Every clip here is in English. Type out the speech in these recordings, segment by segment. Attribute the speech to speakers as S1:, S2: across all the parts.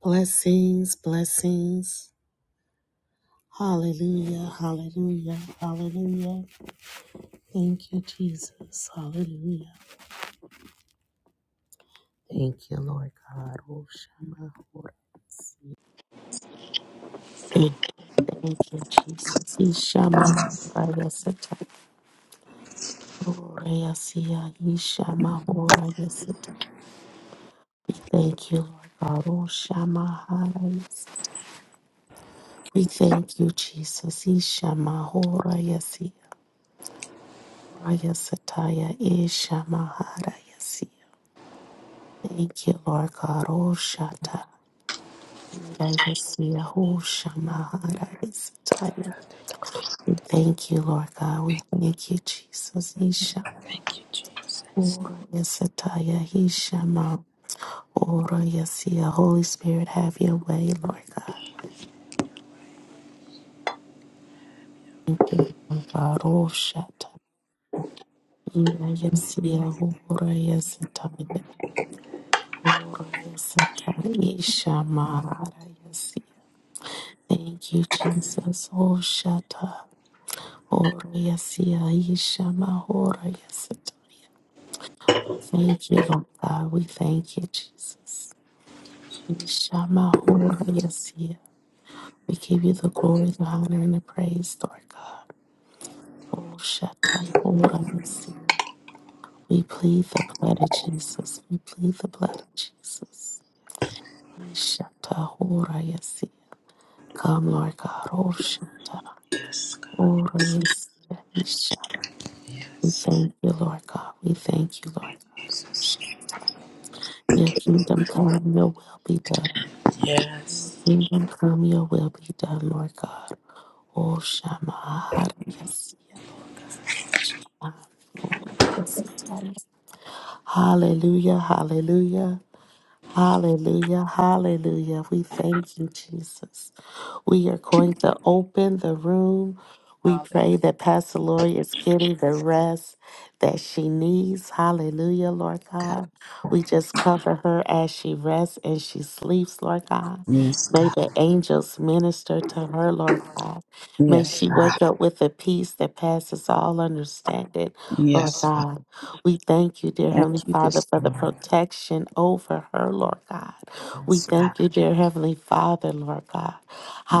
S1: Blessings, blessings. Hallelujah, hallelujah, hallelujah. Thank you, Jesus. Hallelujah. Thank you, Lord God. Oh, Shama, Hora, Si. Thank thank you, Jesus. Ishama, Hora, Yesita. Hora, Yesia, Ishama, Hora, Yesita. We thank you, Lord God. Oh, Shama, Hora, Yes. We thank you, Jesus. Ishama, Hora, Yesi. Raya Rayasataya Isha Maharayasi. Thank you, Lord God. Oshata. Nirayasiya Hosha Maharayasataya. We Thank you, Lord God. We thank you, Jesus. Isha. Orayasataya Isha Ma. Orayasiya. Holy Spirit, have your way, Lord God. Thank you, God. Oshata. Nirayasiya Orayasataya. Yasataya Yasataya Isha Maharayasi. Thank you, Jesus. Oh, Shata. Oh, Yasia, Ishama, Oh, Yasatoria. Thank you, Lord God. We thank you, Jesus. Ishama, Oh, Yasia. We give you the glory, the honor, and the praise, Lord God. Oh, Shata, Oh, Yasia. We plead the blood of Jesus. We plead the blood of Jesus. Ishata, Oh, Yasia. Come, Lord God. Oh, Shata,
S2: Yes, God.
S1: Oh, Yasia, Ishama. We
S2: Yes.
S1: thank you, Lord God. We thank you, Lord God. Your kingdom come, your will be done.
S2: Yes.
S1: Kingdom come, your will be done, Lord God. Oh, Shama, yes, yes, Shama, Lord, yes, yes, yes. Hallelujah, hallelujah. Hallelujah, hallelujah. We thank you, Jesus. We are going to open the room. We
S2: Hallelujah.
S1: pray that Pastor Lori is getting the rest that she needs. Hallelujah, Lord God. We just cover her as she rests and she sleeps, Lord God.
S2: Yes,
S1: May
S2: God.
S1: the angels minister to her, Lord God. May
S2: Yes,
S1: she
S2: God.
S1: wake up with a peace that passes all understanding, Lord
S2: Yes, Father.
S1: God. We thank you, dear Heavenly
S2: Thank you
S1: Father,
S2: this
S1: for the
S2: morning.
S1: protection over her, Lord God. We
S2: Yes, God.
S1: thank you, dear Heavenly Father, Lord God.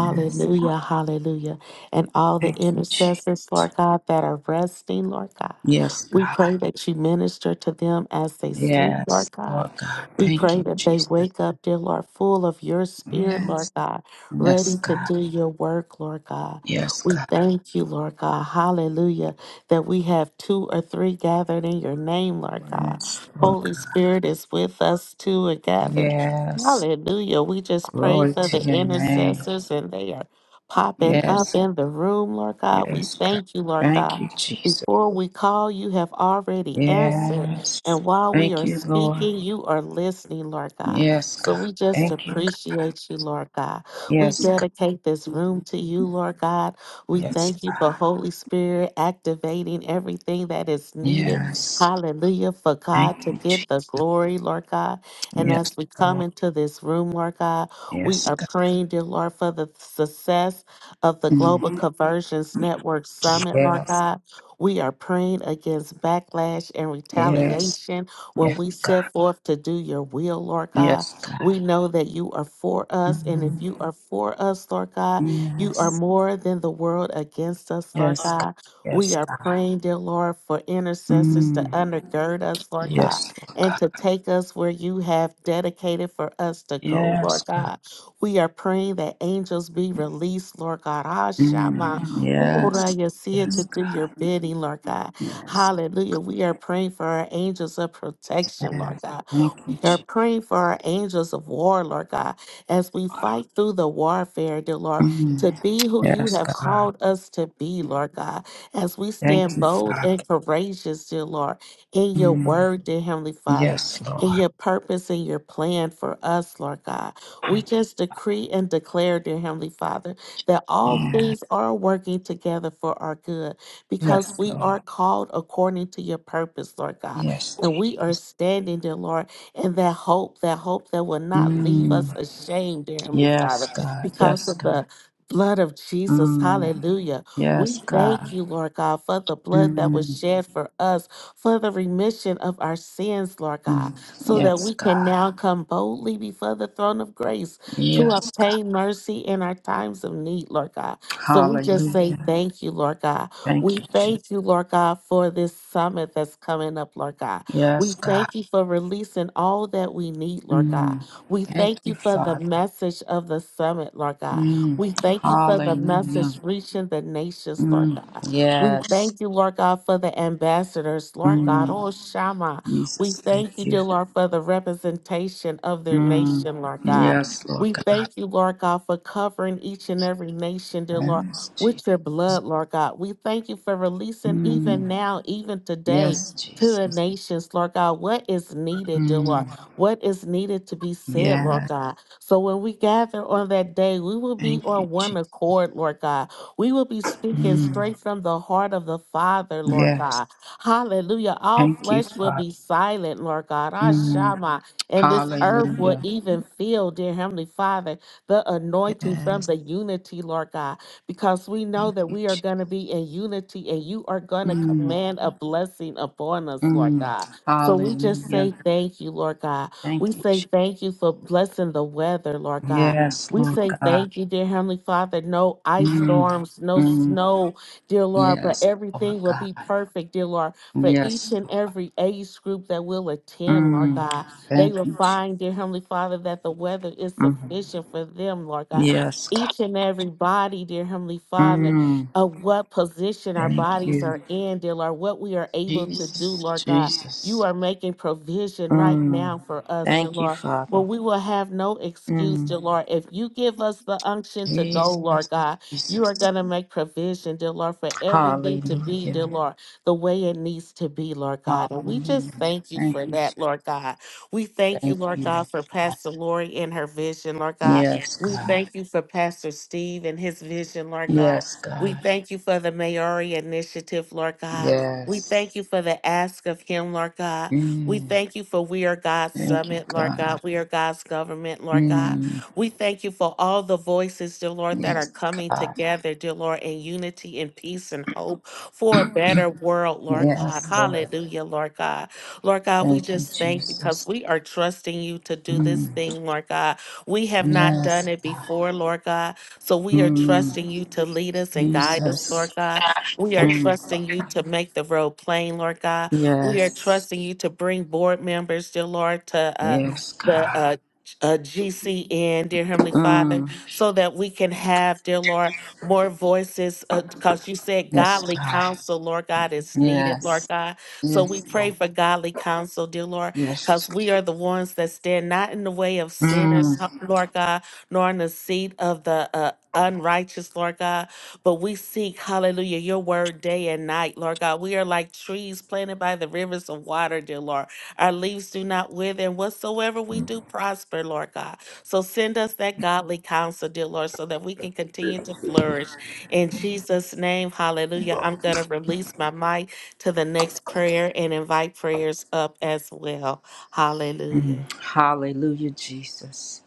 S2: Yes, God.
S1: hallelujah. And all the
S2: Thank you, Jesus.
S1: intercessors, Lord God, that are resting, Lord God.
S2: Yes,
S1: We
S2: God.
S1: pray that you minister to them as they sleep,
S2: Yes,
S1: Lord God.
S2: Lord God.
S1: We
S2: Thank
S1: pray
S2: you,
S1: that they
S2: Jesus.
S1: wake up, dear Lord, full of your spirit, Lord
S2: Yes.
S1: God,
S2: Yes,
S1: ready to
S2: God.
S1: do your work, Lord God.
S2: Yes,
S1: We
S2: God.
S1: thank you, Lord God. Hallelujah that we have two or three gathered in your name, Lord God.
S2: Yes, Lord
S1: Holy Spirit is with us too and
S2: God.
S1: gathered.
S2: Yes.
S1: Hallelujah. We just pray
S2: Glory
S1: for
S2: to
S1: the
S2: your name.
S1: intercessors and they are popping up
S2: Yes.
S1: in the room, Lord God. We
S2: Yes, God.
S1: thank you, Lord
S2: Thank
S1: God.
S2: you, Jesus.
S1: Before we call, you have already answered.
S2: Yes.
S1: And while we
S2: Thank
S1: are
S2: you, Lord.
S1: speaking, you are listening, Lord God.
S2: Yes,
S1: So
S2: God.
S1: we just
S2: Thank you, God.
S1: appreciate you, Lord God. We
S2: Yes,
S1: dedicate this
S2: God.
S1: room to you, Lord God. We
S2: Yes,
S1: thank you
S2: God.
S1: for Holy Spirit activating everything that is needed.
S2: Yes.
S1: Hallelujah. For God
S2: Thank
S1: to
S2: you, Jesus.
S1: give the glory, Lord God. And
S2: Yes,
S1: as we come
S2: Lord.
S1: into this room, Lord God, we
S2: Yes,
S1: are
S2: God.
S1: praying, dear Lord, for the success of the Global
S2: Mm.
S1: Conversions Network Summit, Lord
S2: Yes,
S1: God. We are praying against backlash and
S2: yes,
S1: retaliation when
S2: yes,
S1: we set
S2: God.
S1: forth to do your will, Lord God.
S2: Yes,
S1: We
S2: God.
S1: know that you are for us. And if
S2: Mm.
S1: you are for us, Lord God, you are
S2: Yes,
S1: more than the world against us, Lord
S2: yes, God.
S1: God. We
S2: Yes,
S1: are
S2: God.
S1: praying, dear Lord, for intercessors to
S2: Mm.
S1: undergird us, Lord God,
S2: Yes, Lord
S1: and
S2: God.
S1: to take us where you have dedicated for us to go, Lord
S2: Yes, God.
S1: God. We are praying that angels be released, Lord God. Ah, Shama,
S2: Mm. Yes,
S1: Ora, Yasia, to
S2: yes,
S1: do your
S2: God.
S1: bidding, Lord God.
S2: Yes,
S1: Hallelujah. We are praying for our angels of protection, Lord
S2: yes.
S1: God.
S2: Thank you,
S1: We are
S2: Jesus.
S1: praying for our angels of war, Lord God, as we fight through the warfare, dear Lord
S2: Mm.
S1: to be who you
S2: Yes,
S1: have
S2: God.
S1: called us to be, Lord God, as we
S2: Thank
S1: stand
S2: you,
S1: bold
S2: Father.
S1: and courageous, dear Lord, in your
S2: Mm.
S1: word, dear Heavenly Father,
S2: Yes,
S1: in
S2: Lord.
S1: your purpose and your plan for us, Lord God. We just decree and declare, dear Heavenly Father, that all
S2: Yes.
S1: things are working together for our good because
S2: Yes,
S1: we are
S2: Lord.
S1: called according to your purpose, Lord God.
S2: Yes,
S1: And we are
S2: Jesus.
S1: standing, dear Lord, in that hope, that hope that will not leave us
S2: Mm.
S1: ashamed, dear Heavenly Father,
S2: Yes, God.
S1: because
S2: Yes,
S1: of the
S2: God.
S1: blood of Jesus.
S2: Mm.
S1: Hallelujah. We
S2: Yes,
S1: thank
S2: God.
S1: you, Lord God, for the blood that was
S2: Mm.
S1: shed for us, for the remission of our sins, Lord God,
S2: Mm.
S1: so that
S2: Yes,
S1: we can
S2: God.
S1: now come boldly before the throne of grace to
S2: Yes, God.
S1: obtain mercy in our times of need, Lord God. So we just say
S2: Hallelujah.
S1: thank you, Lord God.
S2: Thank
S1: We
S2: you, Jesus.
S1: thank you, Lord God, for this summit that's coming up, Lord God. We
S2: Yes, God.
S1: thank you for releasing all that we need, Lord God.
S2: Mm.
S1: We
S2: Thank
S1: thank you
S2: you,
S1: for the
S2: Father.
S1: message of the summit, Lord God.
S2: Mm.
S1: We thank you for the
S2: Hallelujah.
S1: message reaching the nations, Lord
S2: Mm.
S1: God. We
S2: Yes.
S1: thank you, Lord God, for the ambassadors, Lord God.
S2: Mm.
S1: Oh, Shama. We
S2: Jesus, thank
S1: thank you,
S2: you.
S1: dear Lord, for the representation of their
S2: Mm.
S1: nation, Lord God.
S2: Yes, Lord
S1: We
S2: God.
S1: thank you, Lord God, for covering each and every nation, dear Lord,
S2: Yes, Jesus.
S1: with your blood, Lord God. We thank you for releasing
S2: Mm.
S1: even now, even today,
S2: Yes,
S1: to the
S2: Jesus.
S1: nations, Lord God, what is needed, dear Lord,
S2: Mm.
S1: what is needed to be said, Lord
S2: Yes.
S1: God. So when we gather on that day, we will be
S2: Thank you,
S1: on one
S2: Jesus.
S1: accord, Lord God. We will be speaking
S2: Mm.
S1: straight from the heart of the Father, Lord
S2: Yes.
S1: God. Hallelujah. All
S2: Thank you,
S1: flesh will
S2: Father.
S1: be silent, Lord God.
S2: Mm.
S1: Ashama. And this earth will
S2: Hallelujah.
S1: even feel, dear Heavenly Father, the anointing from
S2: Yes.
S1: the unity, Lord God, because we know
S2: Thank
S1: that
S2: you,
S1: we are going
S2: Jesus.
S1: to be in unity and you are going to
S2: Mm.
S1: command a blessing upon us, Lord
S2: Mm.
S1: God. So we just
S2: Hallelujah.
S1: say thank you, Lord God. We
S2: Thank you,
S1: say
S2: Jesus.
S1: thank you for blessing the weather, Lord God.
S2: Yes,
S1: We
S2: Lord
S1: say
S2: God.
S1: thank you, dear Heavenly Father. No ice
S2: Mm.
S1: storms, no
S2: Mm.
S1: snow, dear Lord, but
S2: Yes, Lord
S1: everything will
S2: God.
S1: be perfect, dear Lord, for each
S2: Yes,
S1: and
S2: Lord.
S1: every age group that will attend, Lord
S2: Mm.
S1: God. They
S2: Thank
S1: will
S2: you, Jesus.
S1: find, dear Heavenly Father, that the weather is
S2: Mm.
S1: sufficient for them, Lord God.
S2: Yes, God.
S1: Each and every body, dear Heavenly Father,
S2: Mm.
S1: of what position our
S2: Thank
S1: bodies
S2: you,
S1: are in, dear Lord, what we are able to do,
S2: Jesus.
S1: Lord God.
S2: Jesus.
S1: You are making provision right
S2: Mm.
S1: now for us, dear
S2: Thank you,
S1: Lord. Well,
S2: Father.
S1: we will have no excuse,
S2: Mm.
S1: dear Lord. If you give us the unction to go,
S2: Jesus,
S1: Lord God, you
S2: Jesus.
S1: are going to make provision, dear Lord, for everything to be, dear
S2: Hallelujah.
S1: Lord, the way it needs to be, Lord God. And we
S2: Hallelujah.
S1: just thank you
S2: Thank
S1: for
S2: you. Jesus.
S1: that, Lord God. We thank you,
S2: Thank
S1: Lord
S2: you, Lord.
S1: God, for Pastor Lori and her vision, Lord God.
S2: Yes,
S1: We
S2: God.
S1: thank you for Pastor Steve and his vision, Lord God.
S2: Yes,
S1: We
S2: God.
S1: thank you for the Maori initiative, Lord God. We
S2: Yes.
S1: thank you for the ask of him, Lord God. We
S2: Mm.
S1: thank you for We Are God's
S2: Thank you,
S1: Summit, Lord God.
S2: God.
S1: We Are God's Government, Lord God.
S2: Mm.
S1: We thank you for all the voices, dear Lord, that are
S2: Yes,
S1: coming
S2: God.
S1: together, dear Lord, in unity and peace and hope for a better world, Lord God.
S2: Yes, Lord.
S1: Hallelujah, Lord God. Lord God, we
S2: Thank you,
S1: just thank you because
S2: Jesus.
S1: we are trusting you to do this
S2: Mm.
S1: thing, Lord God. We have not done
S2: Yes,
S1: it
S2: God.
S1: before, Lord God. So we are trusting
S2: Mm.
S1: you to lead us and guide us,
S2: Jesus.
S1: Lord God. We are
S2: Mm.
S1: trusting you to make the road plain, Lord God. We are
S2: Yes.
S1: trusting you to bring board members, dear Lord, to uh,
S2: Yes,
S1: the
S2: God.
S1: uh, uh, GCN, dear Heavenly Father,
S2: Mm.
S1: so that we can have, dear Lord, more voices. Because you said
S2: Yes,
S1: godly
S2: God.
S1: counsel, Lord God, is needed, Lord
S2: Yes.
S1: God. So we
S2: Yes,
S1: pray
S2: Lord.
S1: for godly counsel, dear Lord,
S2: Yes.
S1: because we are the ones that stand not in the way of sinners,
S2: Mm,
S1: Lord God, nor in the seat of the uh, unrighteous, Lord God but we seek, hallelujah, your word day and night, Lord God. We are like trees planted by the rivers of water, dear Lord. Our leaves do not wither, and whatsoever we do prosper, Lord God. So send us that godly counsel, dear Lord, so that we can continue to flourish. In Jesus' name, hallelujah. I'm going to release my mic to the next prayer and invite prayers up as well. Hallelujah.
S2: mm. Hallelujah, Jesus.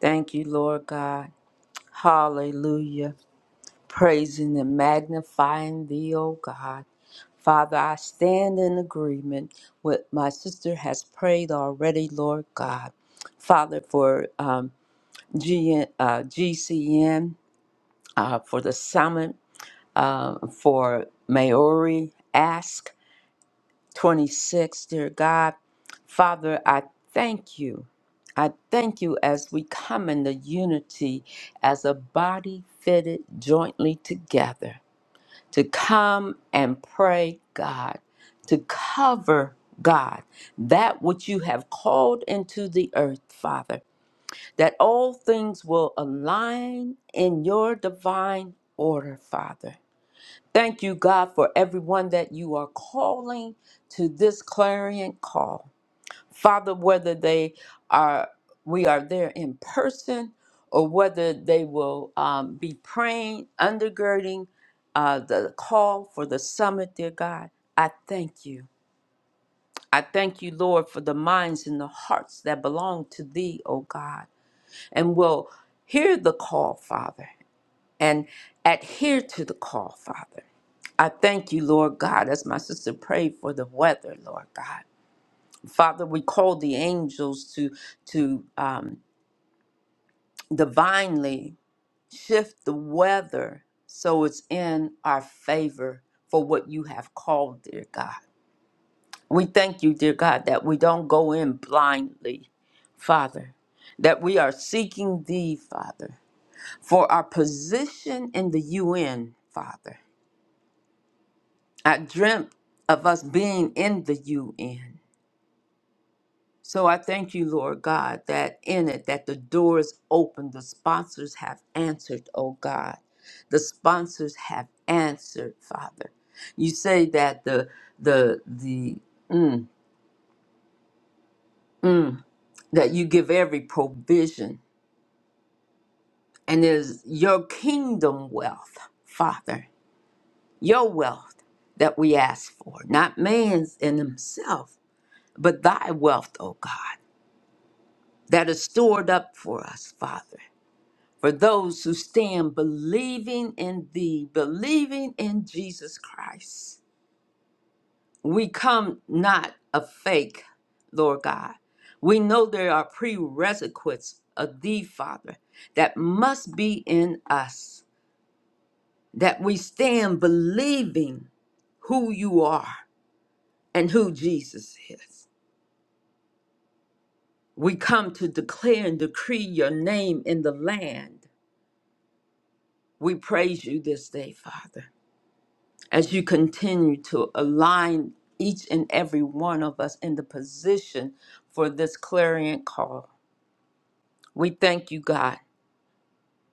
S2: Thank you, Lord God. Hallelujah. Praising and magnifying thee, O God. Father, I stand in agreement with my sister has prayed already, Lord God. Father, for um, GN, uh, GCN, uh, for the summit, uh, for Maori Ask. 26, dear God. Father, I thank you. I thank you as we come in the unity as a body fitted jointly together to come and pray, God, to cover, God, that which you have called into the earth, Father, that all things will align in your divine order, Father. Thank you, God, for everyone that you are calling to this clarion call. Father, whether they are, we are there in person or whether they will um, be praying, undergirding uh, the call for the summit, dear God, I thank you. I thank you, Lord, for the minds and the hearts that belong to thee, O God, and will hear the call, Father and adhere to the call, Father. I thank you, Lord God, as my sister prayed for the weather, Lord God. Father, we call the angels to to um, divinely shift the weather so it's in our favor for what you have called, dear God. We thank you, dear God, that we don't go in blindly, Father, that we are seeking thee, Father, for our position in the UN, Father. I dreamt of us being in the UN. So I thank you, Lord God, that in it, that the door is open. The sponsors have answered, oh God. The sponsors have answered, Father. You say that the the the mm, mm, that you give every provision and it is your kingdom wealth, Father, your wealth that we ask for, not man's in himself, but thy wealth, oh God. That are stored up for us, Father, for those who stand believing in Thee, believing in Jesus Christ. We come not a fake, Lord God. We know there are prerequisites of Thee, Father, that must be in us, that we stand believing who You are and who Jesus is. We come to declare and decree Your name in the land We praise you this day, Father, as you continue to align each and every one of us in the position for this clarion call. We thank you, God,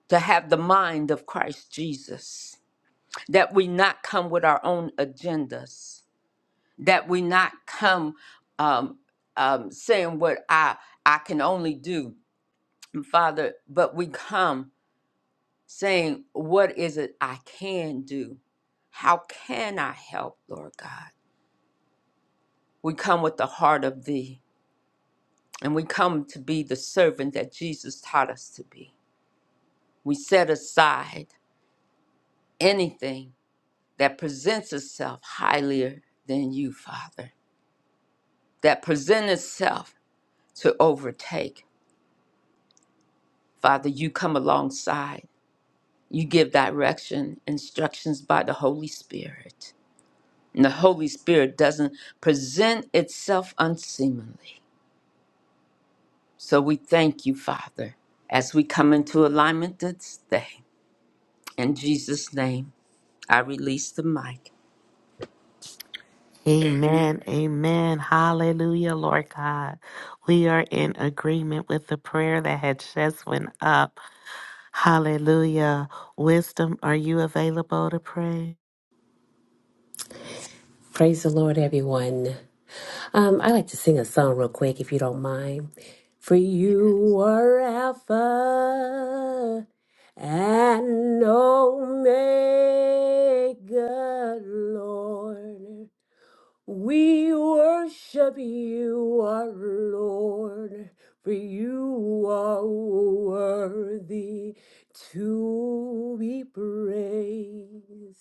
S2: to have the mind of Christ Jesus, that we not come with our own agendas, that we not come um, um, saying what I, I can only do, Father, but we come. saying, What is it I can do? How can I help, Lord God? We come with the heart of Thee, and we come to be the servant that Jesus taught us to be. We set aside anything that presents itself higher than you, Father, that presents itself to overtake. Father, you come alongside. You give direction, instructions by the Holy Spirit. And the Holy Spirit doesn't present itself unseemly. So we thank you, Father, as we come into alignment this day. In Jesus' name, I release the mic.
S1: Amen. Amen. Hallelujah, Lord God. We are in agreement with the prayer that had just went up. Hallelujah. Wisdom, are you available to pray?
S3: Praise the Lord, everyone. Um, I like to sing a song real quick, if you don't mind. For you are Alpha and Omega, Lord. We worship you, our Lord, for you are worthy to be praised.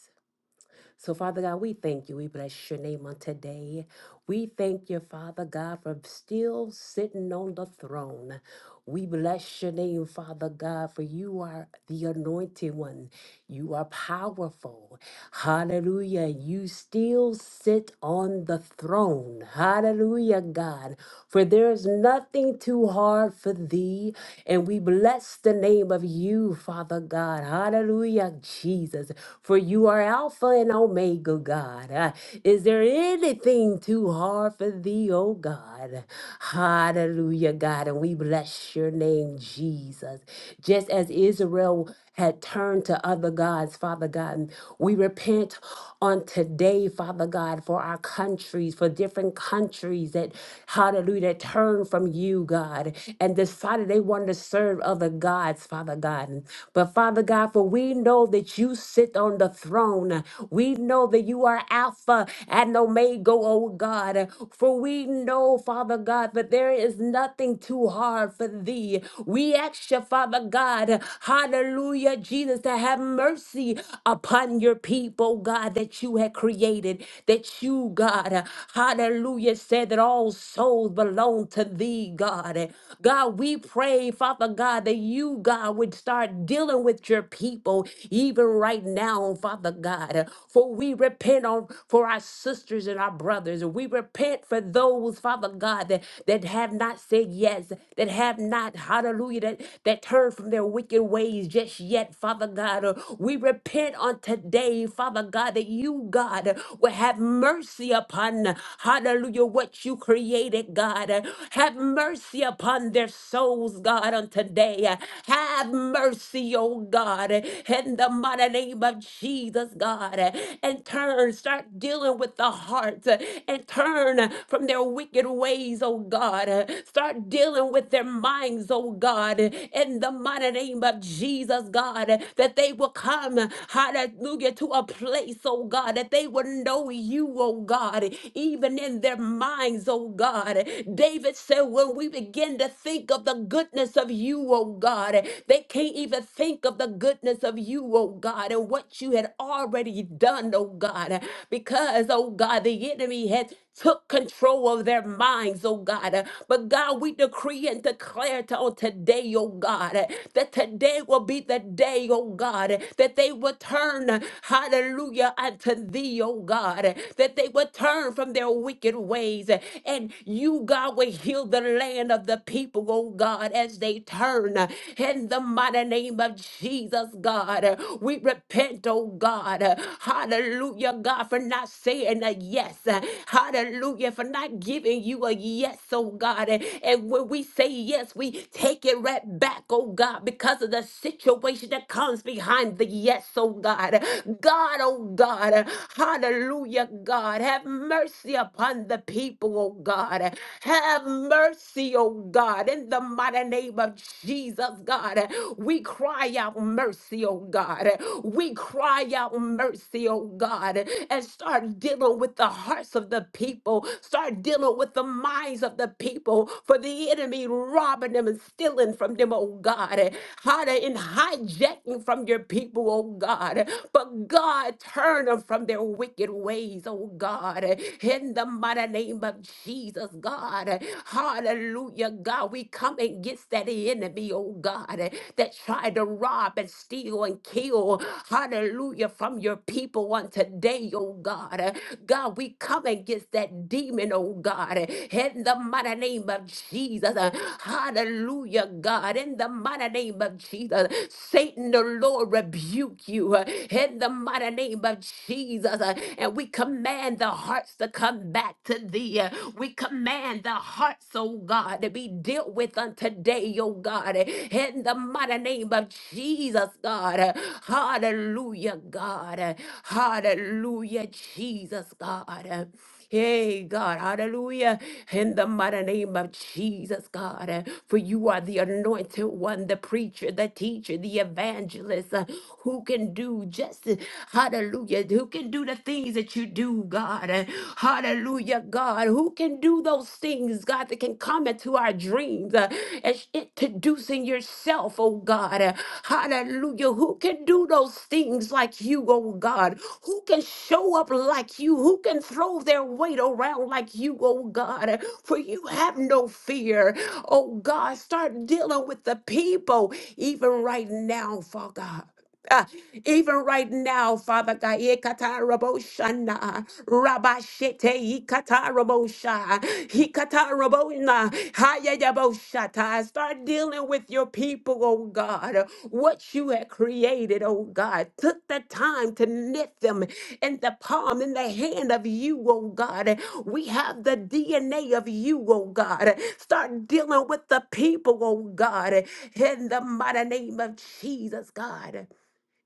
S3: So, Father God, we thank you. We bless your name on today. We thank you, Father God, for still sitting on the throne. We bless your name, Father God, for you are the anointed one. You are powerful. Hallelujah. You still sit on the throne. Hallelujah, God. For there is nothing too hard for thee. And we bless the name of you, Father God. Hallelujah, Jesus for you are Alpha and Omega, God. Uh, Is there anything too hard for thee, oh God? Hallelujah, God. And we bless your name, Jesus. Just as Israel had turned to other gods, Father God, we repent on today, Father God, for our countries, for different countries that, hallelujah, that turned from you, God, and decided they wanted to serve other gods, Father God. But Father God, God, for we know that you sit on the throne. We know that you are Alpha and Omega, oh God. For we know, Father God, that there is nothing too hard for thee. We ask you, Father God, hallelujah, Jesus, to have mercy upon your people, God, that you had created, that you, God, hallelujah, said that all souls belong to thee, God. God, we pray, Father God, that you, God, God, would start dealing with your people even right now, Father God. For we repent on for our sisters and our brothers. We repent for those, Father God, that, that have not said yes, that have not, hallelujah, that, that turned from their wicked ways just yet, Father God. Uh, We repent on today, Father God, that you, God, uh, will have mercy upon, uh, hallelujah, what you created, God. Uh, Have mercy upon their souls, God. God, on today. Uh, Have mercy, oh God, uh, in the mighty name of Jesus, God. uh, And turn, start dealing with the heart uh, and turn uh, from their wicked ways, oh God. uh, Start dealing with their minds, oh God, uh, in the mighty name of Jesus, God, uh, that they will come, uh, hallelujah, to a place, oh God, that they will know you, oh God, even in their minds, oh God. David said, when we begin begin to think of the goodness of you, oh God. They can't even think of the goodness of you, oh God, and what you had already done, oh God, because, oh God, the enemy had took control of their minds, oh God. But God, we decree and declare to on today, oh God, that today will be the day, oh God, that they will turn, hallelujah, unto thee, oh God, that they will turn from their wicked ways and you, God will heal the land of the people, oh God, as they turn uh, in the mighty name of Jesus, God. Uh, We repent, oh God. Uh, Hallelujah, God, for not saying a yes. Uh, Hallelujah, for not giving you a yes, oh God. And and when we say yes, we take it right back, oh God, because of the situation that comes behind the yes, oh God. God, oh God. Hallelujah, God. Have mercy upon the people, oh God. Have mercy, oh God, in the mighty name of Jesus, God. We cry out mercy, oh God. We cry out mercy, oh God, and start dealing with the hearts of the people. Start dealing with the minds of the people for the enemy robbing them and stealing from them, oh God. Hiding and hijacking from your people, oh God. But God, turn them from their wicked ways, oh God, in the mighty name of Jesus, God. Hallelujah, God. We come against that enemy, oh God, that tried to rob and steal and kill, hallelujah, from your people on today, oh God. God, we come against that demon, oh God, in the mighty name of Jesus. Hallelujah, God, in the mighty name of Jesus. Satan, the Lord, rebuke you in the mighty name of Jesus. Jesus. uh, And we command the hearts to come back to thee. uh, We command the hearts, oh God, to be dealt with unto day, oh God. uh, In the mighty name of Jesus, God. uh, Hallelujah, God. uh, Hallelujah, Jesus, God. uh. Hey, God, hallelujah. In the mighty name of Jesus, God, uh, for you are the anointed one, the preacher, the teacher, the evangelist, uh, who can do just, uh, hallelujah, who can do the things that you do, God. uh, Hallelujah, God, who can do those things, God, that can come into our dreams. uh, things uh, as introducing yourself, oh God. Uh, Hallelujah. Who can do those things like you, oh God? Who can show up like you? Who can throw their weight around like you, oh God? Uh, For you have no fear, oh God. Start dealing with the people even right now, Father God. Uh, even right now, Father God, Ekatarabosana, Rabashete, Ekatarabosha, Ekatarabona, Hayayaboshata. Start dealing with your people, oh God, what you have created, oh God. Took the time to knit them in the palm, in the hand of you, oh God. We have the DNA of you, oh God. Start dealing with the people, oh God, in the mighty name of Jesus, God.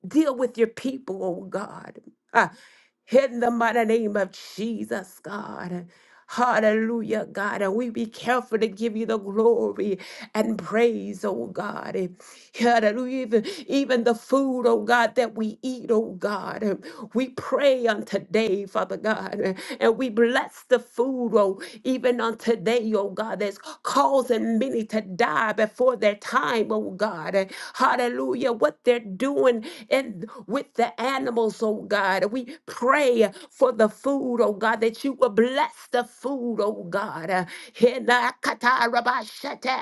S3: Deal with your people, oh God. Ah, in the mighty name of Jesus, God. Hallelujah, God. And we be careful to give you the glory and praise, oh God. Eh, Hallelujah. Even, even the food, oh God, that we eat, oh God. Eh, We pray on today, Father God. eh, And we bless the food, oh, even on today, oh God, that's causing many to die before their time, oh God. Eh, Hallelujah. What they're doing and with the animals, oh God. God. We pray for the food, oh God, that you will bless the food, oh God. Uh, Hinakatarabashata,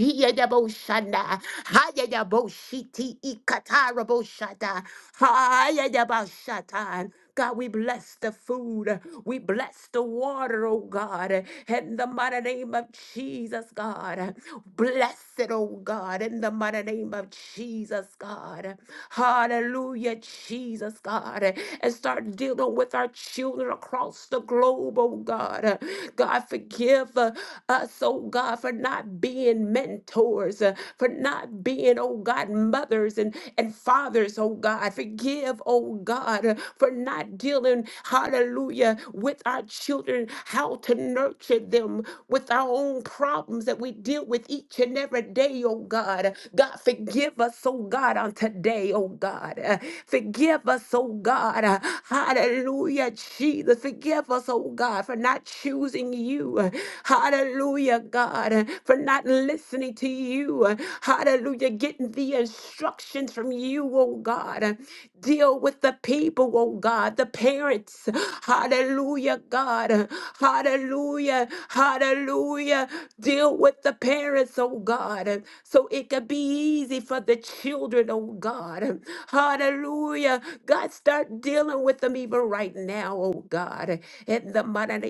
S3: Hiyadaboshana, Hayadaboshiti, Ikatarabashata, Hayadaboshata. God, we bless the food. We bless the water, oh God. In the mighty name of Jesus, God. Bless it, oh God. In the mighty name of Jesus, God. Hallelujah, Jesus, God. And start dealing with our children across the globe, oh God. God, forgive uh, us, oh God, for not being mentors, uh, for not being, oh God, mothers mothers and, and fathers, oh God. Forgive, oh God, for not dealing, hallelujah, with our children, how to nurture them with our own problems that we deal with each and every day, oh God. God, forgive us, oh God, on today, oh God. Uh, Forgive us, oh God. Uh, Hallelujah, Jesus. Forgive us, oh God, for not choosing you. Uh, Hallelujah, God. uh, for for not listening to you. Hallelujah. Getting the instructions from you, oh God. Deal with the people, oh God, the parents. Hallelujah, God. Hallelujah. Hallelujah. Deal with the parents, oh God, so it could be easy for the children, oh God. Hallelujah. God, start dealing with them even right now, oh God. In the manana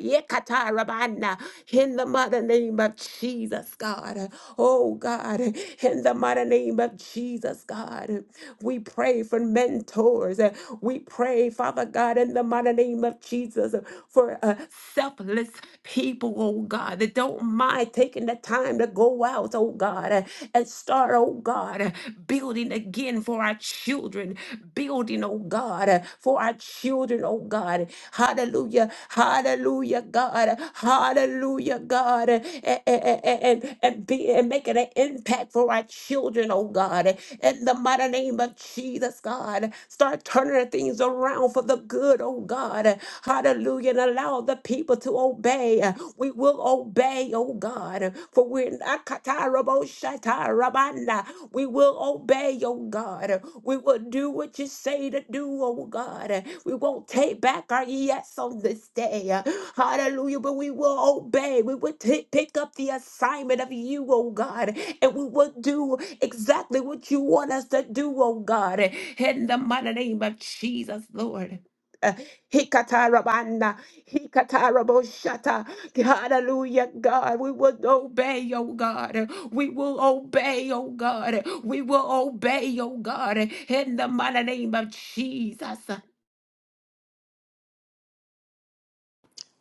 S3: in the mighty name of Jesus, God. Oh, God, in the mighty name of Jesus, God. We pray for mentors. uh, We pray, Father God, in the mighty name of Jesus, uh, for uh, selfless people, oh God, that don't mind taking the time to go out, oh God, uh, and start, oh God, uh, building again for our children, building, oh oh God, uh, for our children, oh God. Hallelujah, hallelujah, God, hallelujah, God, and, and, and, and, be, and making an impact for our children, oh God. In the mighty name of Jesus, God, start turning the things around for the good, oh God. Hallelujah, and allow the people to obey. We will obey, oh God, for we're not we will obey, oh God. We will do what you say to do, oh God. We won't take back our yes on this day. Hallelujah. But we will obey. We will t- pick up the assignment of you, oh God. And we will do exactly what you want us to do, oh God. In the mighty name of Jesus, Lord. Uh, Hikatarabo-shata. Hallelujah, God. We will obey, oh God. We will obey, oh God. We will obey, oh God. In the mighty name of Jesus.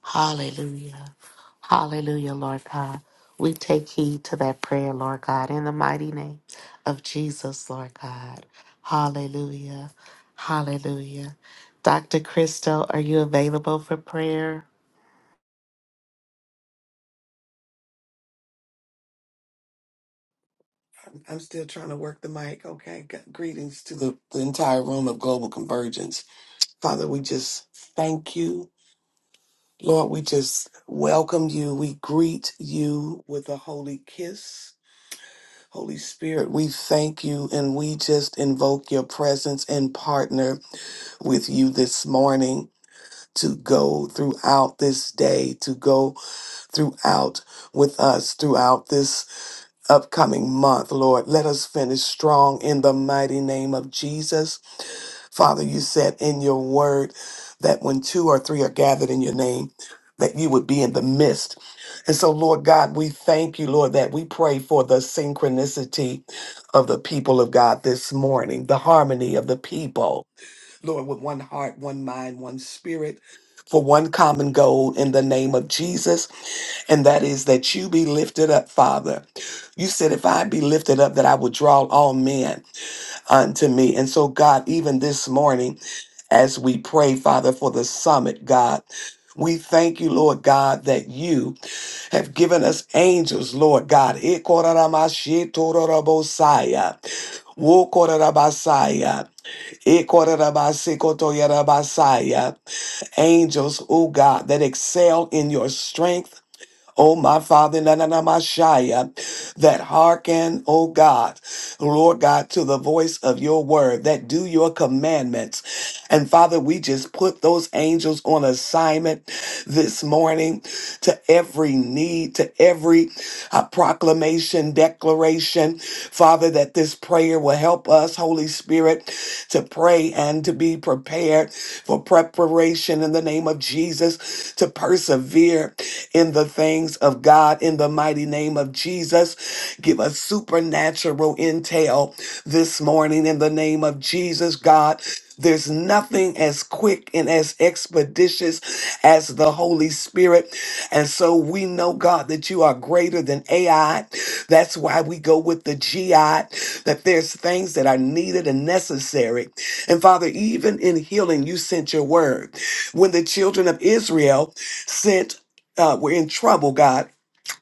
S1: Hallelujah. Hallelujah, Lord God. We take heed to that prayer, Lord God, in the mighty name of Jesus, Lord God. Hallelujah. Hallelujah. Dr. Crystal, are you available for prayer?
S4: I'm still trying to work the mic. Okay. G- Greetings to the, the entire room of Global Convergence. Father, we just thank you. Lord, we just welcome you. We greet you with a holy kiss. Holy Spirit, we thank you and we just invoke your presence and partner with you this morning to go throughout this day, to go throughout with us throughout this upcoming month, Lord. Let us finish strong in the mighty name of Jesus. Father, you said in your word that when two or three are gathered in your name, that you would be in the midst. And so, Lord God, we thank you, Lord, that we pray for the synchronicity of the people of God this morning, the harmony of the people, Lord, with one heart, one mind, one spirit, for one common goal in the name of Jesus and that is that you be lifted up, Father. You said, if I be lifted up, that I would draw all men unto me. And so, God, even this morning, as we pray, Father, for the summit, God, we thank you, Lord God, that you have given us angels, Lord God. Ikoramashitororobosaya, wokororobasaya, ikororobasekotoyorobasaya. Angels, oh God, that excel in your strength Oh, my Father, na- na- na- Messiah, that hearken, oh God, Lord God, to the voice of your word, that do your commandments. And Father, we just put those angels on assignment this morning to every need, to every uh, proclamation, declaration, Father, that this prayer will help us, Holy Spirit, to pray and to be prepared for preparation in the name of Jesus, to persevere in the things of God in the mighty name of Jesus. Give us supernatural intel this morning in the name of Jesus, God. There's nothing as quick and as expeditious as the Holy Spirit. And so we know, God, that you are greater than AI. That's why we go with the GI, that there's things that are needed and necessary. And Father, even in healing, you sent your word. When the children of Israel sent uh, were in trouble, God,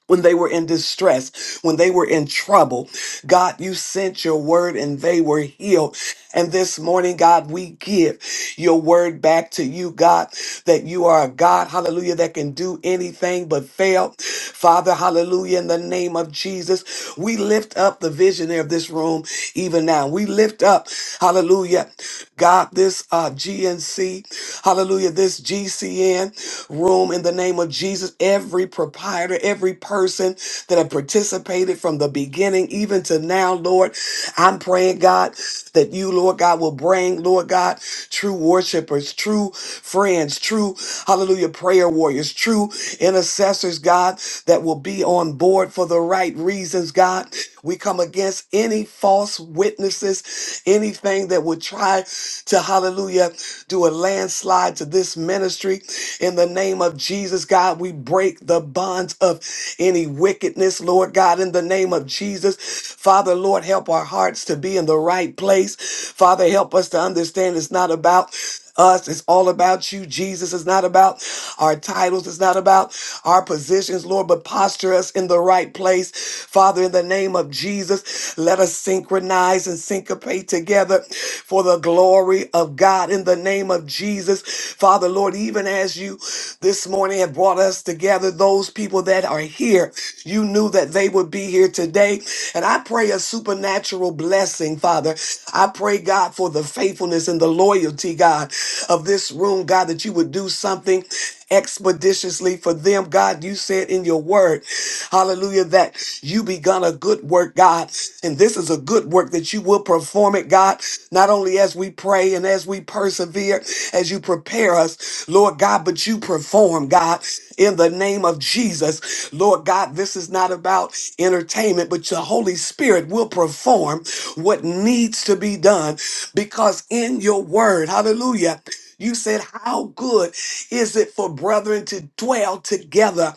S4: when they were in distress, when they were in trouble. God, you sent your word and they were healed. And this morning, God, we give your word back to you, God, that you are a God, hallelujah, that can do anything but fail. Father, hallelujah, in the name of Jesus, we lift up the visionary of this room even now. We lift up, hallelujah, God, this uh, GNC, hallelujah, this GCN room in the name of Jesus, every proprietor, every person person that have participated from the beginning even to now, Lord. I'm praying, God, that you, Lord God, will bring, Lord God, true worshipers, true friends, true, hallelujah, prayer warriors, true intercessors, God, that will be on board for the right reasons, God. We come against any false witnesses, anything that would try to, hallelujah, do a landslide to this ministry. In the name of Jesus, God, we break the bonds of any wickedness, Lord God, in the name of Jesus. Father, Lord, help our hearts to be in the right place. Father, help us to understand it's not about us. It's all about you, Jesus. It's not about our titles. It's not about our positions, Lord, but posture us in the right place. Father, in the name of Jesus, let us synchronize and syncopate together for the glory of God. In the name of Jesus, Father, Lord, even as you this morning have brought us together, those people that are here, you knew that they would be here today. And I pray a supernatural blessing, Father. I pray, God, for the faithfulness and the loyalty God, of this room, God, that you would do something expeditiously for them. God, you said in your word, hallelujah, that you begun a good work, God. And this is a good work that you will perform it, God, not only as we pray and as we persevere, as you prepare us, Lord God, but you perform, God, in the name of Jesus. Lord God, this is not about entertainment, but your Holy Spirit will perform what needs to be done because in your word, word. Hallelujah. You said, How good is it for brethren to dwell together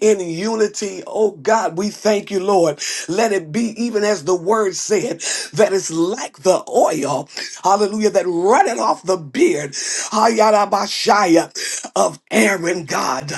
S4: in unity? Oh God, we thank you, Lord. Let it be even as the word said, that is like the oil, hallelujah, that runneth off the beard, hayarabashaya, of Aaron, God.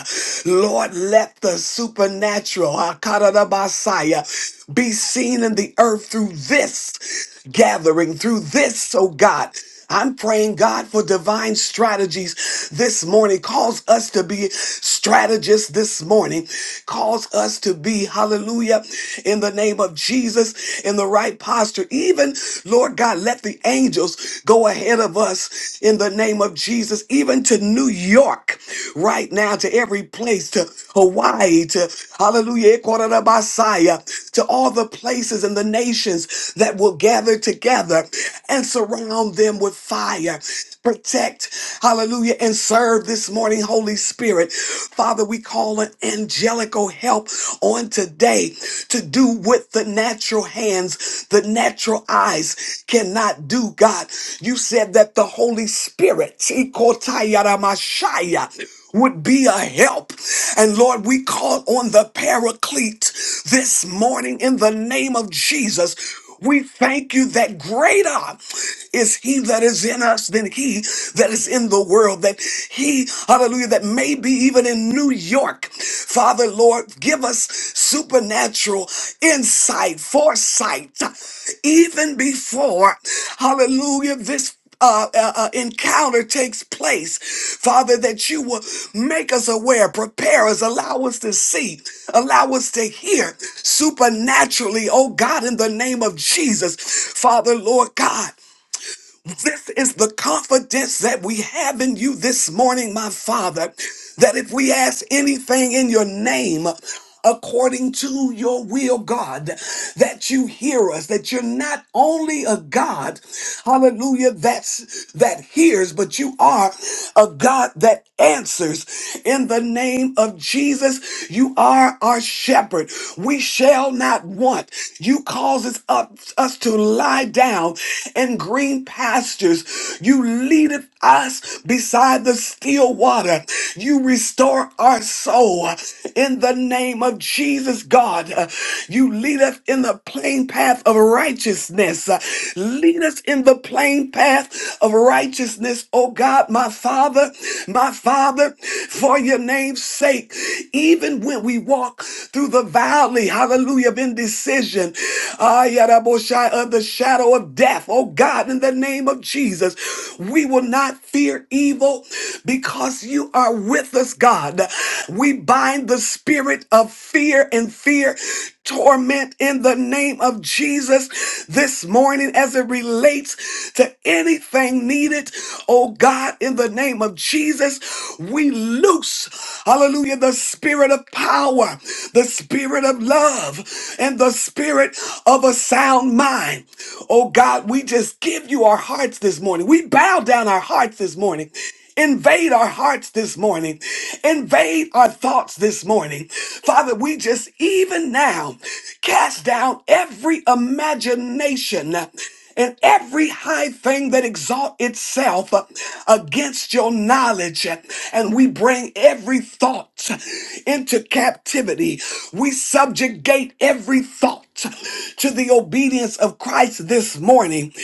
S4: Lord, let the supernatural, hakarabasaya, be seen in the earth through this gathering, through this, oh God. I'm praying, God, for divine strategies this morning. Cause us to be strategists this morning. Cause us to be, hallelujah, in the name of Jesus, in the right posture. Even, Lord God, let the angels go ahead of us in the name of Jesus, even to New York right now, to every place, to Hawaii, to hallelujah, Ecuador, to all the places and the nations that will gather together and surround consume them with fire. Protect, hallelujah, and serve this morning, Holy Spirit. Father, we call an angelical help on today to do what the natural hands, the natural eyes cannot do, God. You said that the Holy Spirit, Tikotayaramashaya, would be a help. And Lord, we call on the paraclete this morning in the name of Jesus. We thank you that greater is he that is in us than he that is in the world. That he, hallelujah, that may be even in New York. Father, Lord, give us supernatural insight, foresight, even before, hallelujah, this uh, uh, uh, encounter takes place, Father, that you will make us aware, prepare us, allow us to see, allow us to hear supernaturally, oh God, in the name of Jesus, Father, Lord God. This is the confidence that we have in you this morning, my Father, that if we ask anything in your name, according to your will, God, that you hear us, that you're not only a God, hallelujah, that's that hears, but you are a God that answers in the name of Jesus. You are our shepherd. We shall not want. You causes up us to lie down in green pastures. You leadeth us beside the still water. You restore our soul in the name of Jesus, God. Uh, You lead us in the plain path of righteousness. Uh, Lead us in the plain path of righteousness, oh God, my Father, my Father, for your name's sake. Even when we walk through the valley, hallelujah, of indecision decision. Ah, Yadaboshai, of the shadow of death. Oh God, in the name of Jesus, we will not fear evil because you are with us, God. We bind the spirit of fear and fear torment in the name of Jesus this morning as it relates to anything needed. Oh God, in the name of Jesus, we loose, hallelujah, the spirit of power the spirit of love, and the spirit of a sound mind. Oh God, we just give you our hearts this morning. We bow down our hearts this morning. Invade our hearts this morning. Invade our thoughts this morning. Father, we just even now cast down every imagination and every high thing that exalt itself uh, against your knowledge. uh, And we bring every thought into captivity. We subjugate every thought to the obedience of Christ this morning,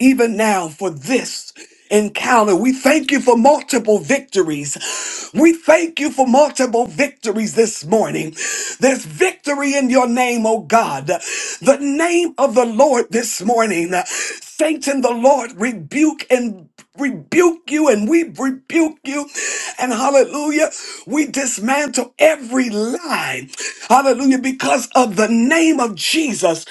S4: even now, for this encounter. We thank you for multiple victories. We thank you for multiple victories this morning. There's victory in your name, oh God. The name of the Lord this morning. Satan, the Lord, rebuke and rebuke you and we rebuke you. And hallelujah, we dismantle every lie. Hallelujah, because of the name of Jesus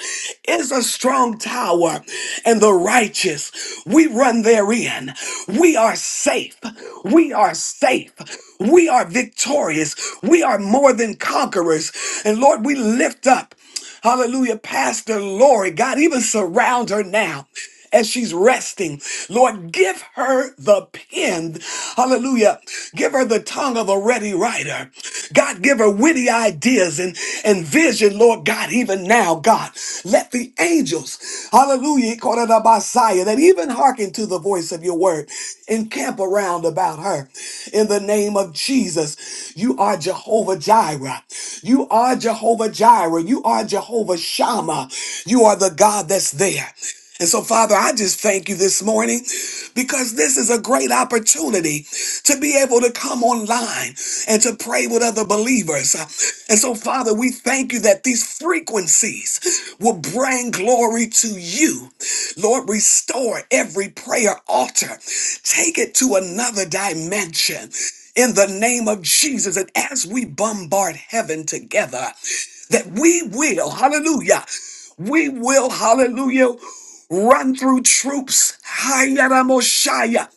S4: is a strong tower and the righteous. We run therein. We are safe. We are safe. We are victorious. We are more than conquerors. And Lord, we lift up. Hallelujah. Pastor Lori, God, even surround her now as she's resting. Lord, give her the pen. Hallelujah. Give her the tongue of a ready writer. God, give her witty ideas and, and vision, Lord God, even now, God. Let the elect, the angels, hallelujah, called it a Messiah, that even hearken to the voice of your word and camp around about her. In the name of Jesus, you are Jehovah Jireh. You are Jehovah Jireh. You are Jehovah Shammah. You are the God that's there. And so, Father, I just thank you this morning because this is a great opportunity to be able to come online and to pray with other believers. And so, Father, we thank you that these frequencies will bring glory to you. Lord, restore every prayer altar, take it to another dimension in the name of Jesus. And as we bombard heaven together, that we will, hallelujah, we will, hallelujah, run through troops, Hayaramoshaya,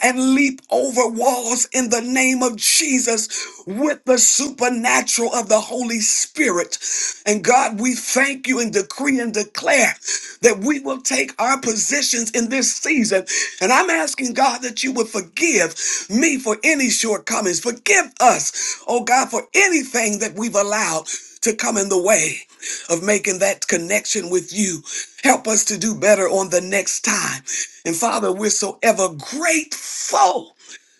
S4: and leap over walls in the name of Jesus with the supernatural of the Holy Spirit. And God, we thank you and decree and declare that we will take our positions in this season. And I'm asking God that you would forgive me for any shortcomings. Forgive us, oh God, for anything that we've allowed to come in the way of making that connection with you. Help us to do better on the next time. And Father, we're so ever grateful.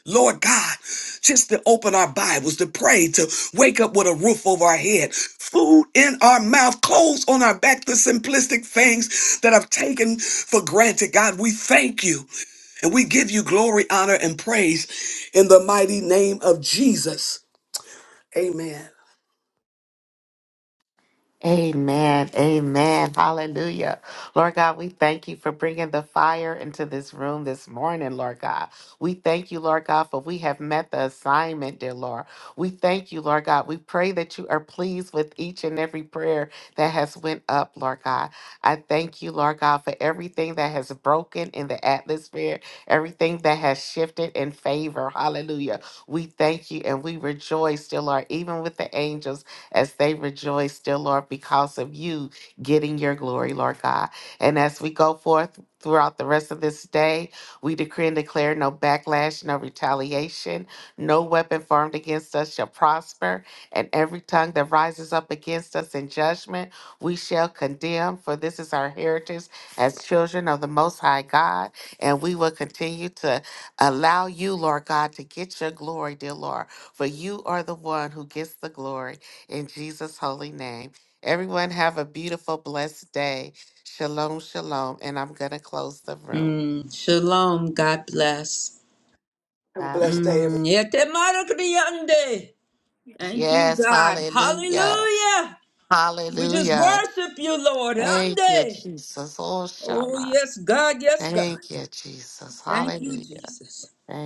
S4: Lord God, just to open our Bibles, to pray, to wake up with a roof over our head, food in our mouth, clothes on our back, the simplistic things that I've taken for granted. God, we thank you and we give you glory, honor, and praise in the mighty name of Jesus. Amen.
S1: Amen. Amen. Hallelujah. Lord God, we thank you for bringing the fire into this room this morning, Lord God. We thank you, Lord God, for we have met the assignment, dear Lord. We thank you, Lord God. We pray that you are pleased with each and every prayer that has went up, Lord God. I thank you, Lord God, for everything that has broken in the atmosphere, everything that has shifted in favor. Hallelujah. We thank you and we rejoice, dear Lord, even with the angels as they rejoice, dear Lord, because of you getting your glory, Lord God. And as we go forth throughout the rest of this day, we decree and declare no backlash, no retaliation, no weapon formed against us shall prosper, and every tongue that rises up against us in judgment, we shall condemn, for this is our heritage as children of the Most High God. And we will continue to allow you, Lord God, to get your glory, dear Lord, for you are the one who gets the glory in Jesus' holy name. Everyone have a beautiful, blessed day. Shalom, shalom. And I'm going to close the room.
S2: Mm, shalom. God bless.
S4: Have a
S1: God
S4: blessed day, everyone.
S2: Mm,
S1: bless.
S2: yete marakriyande. Thank you,
S1: Yes,
S2: God.
S1: hallelujah.
S2: Hallelujah. We just
S1: Hallelujah.
S2: worship you, Lord.
S1: Thank you,
S2: Ande.
S1: Jesus. Oh,
S2: Oh,
S1: Shama.
S2: yes, God. Yes, God.
S1: Thank you, Jesus.
S2: Thank you,
S1: Hallelujah.
S2: Jesus.
S1: Thank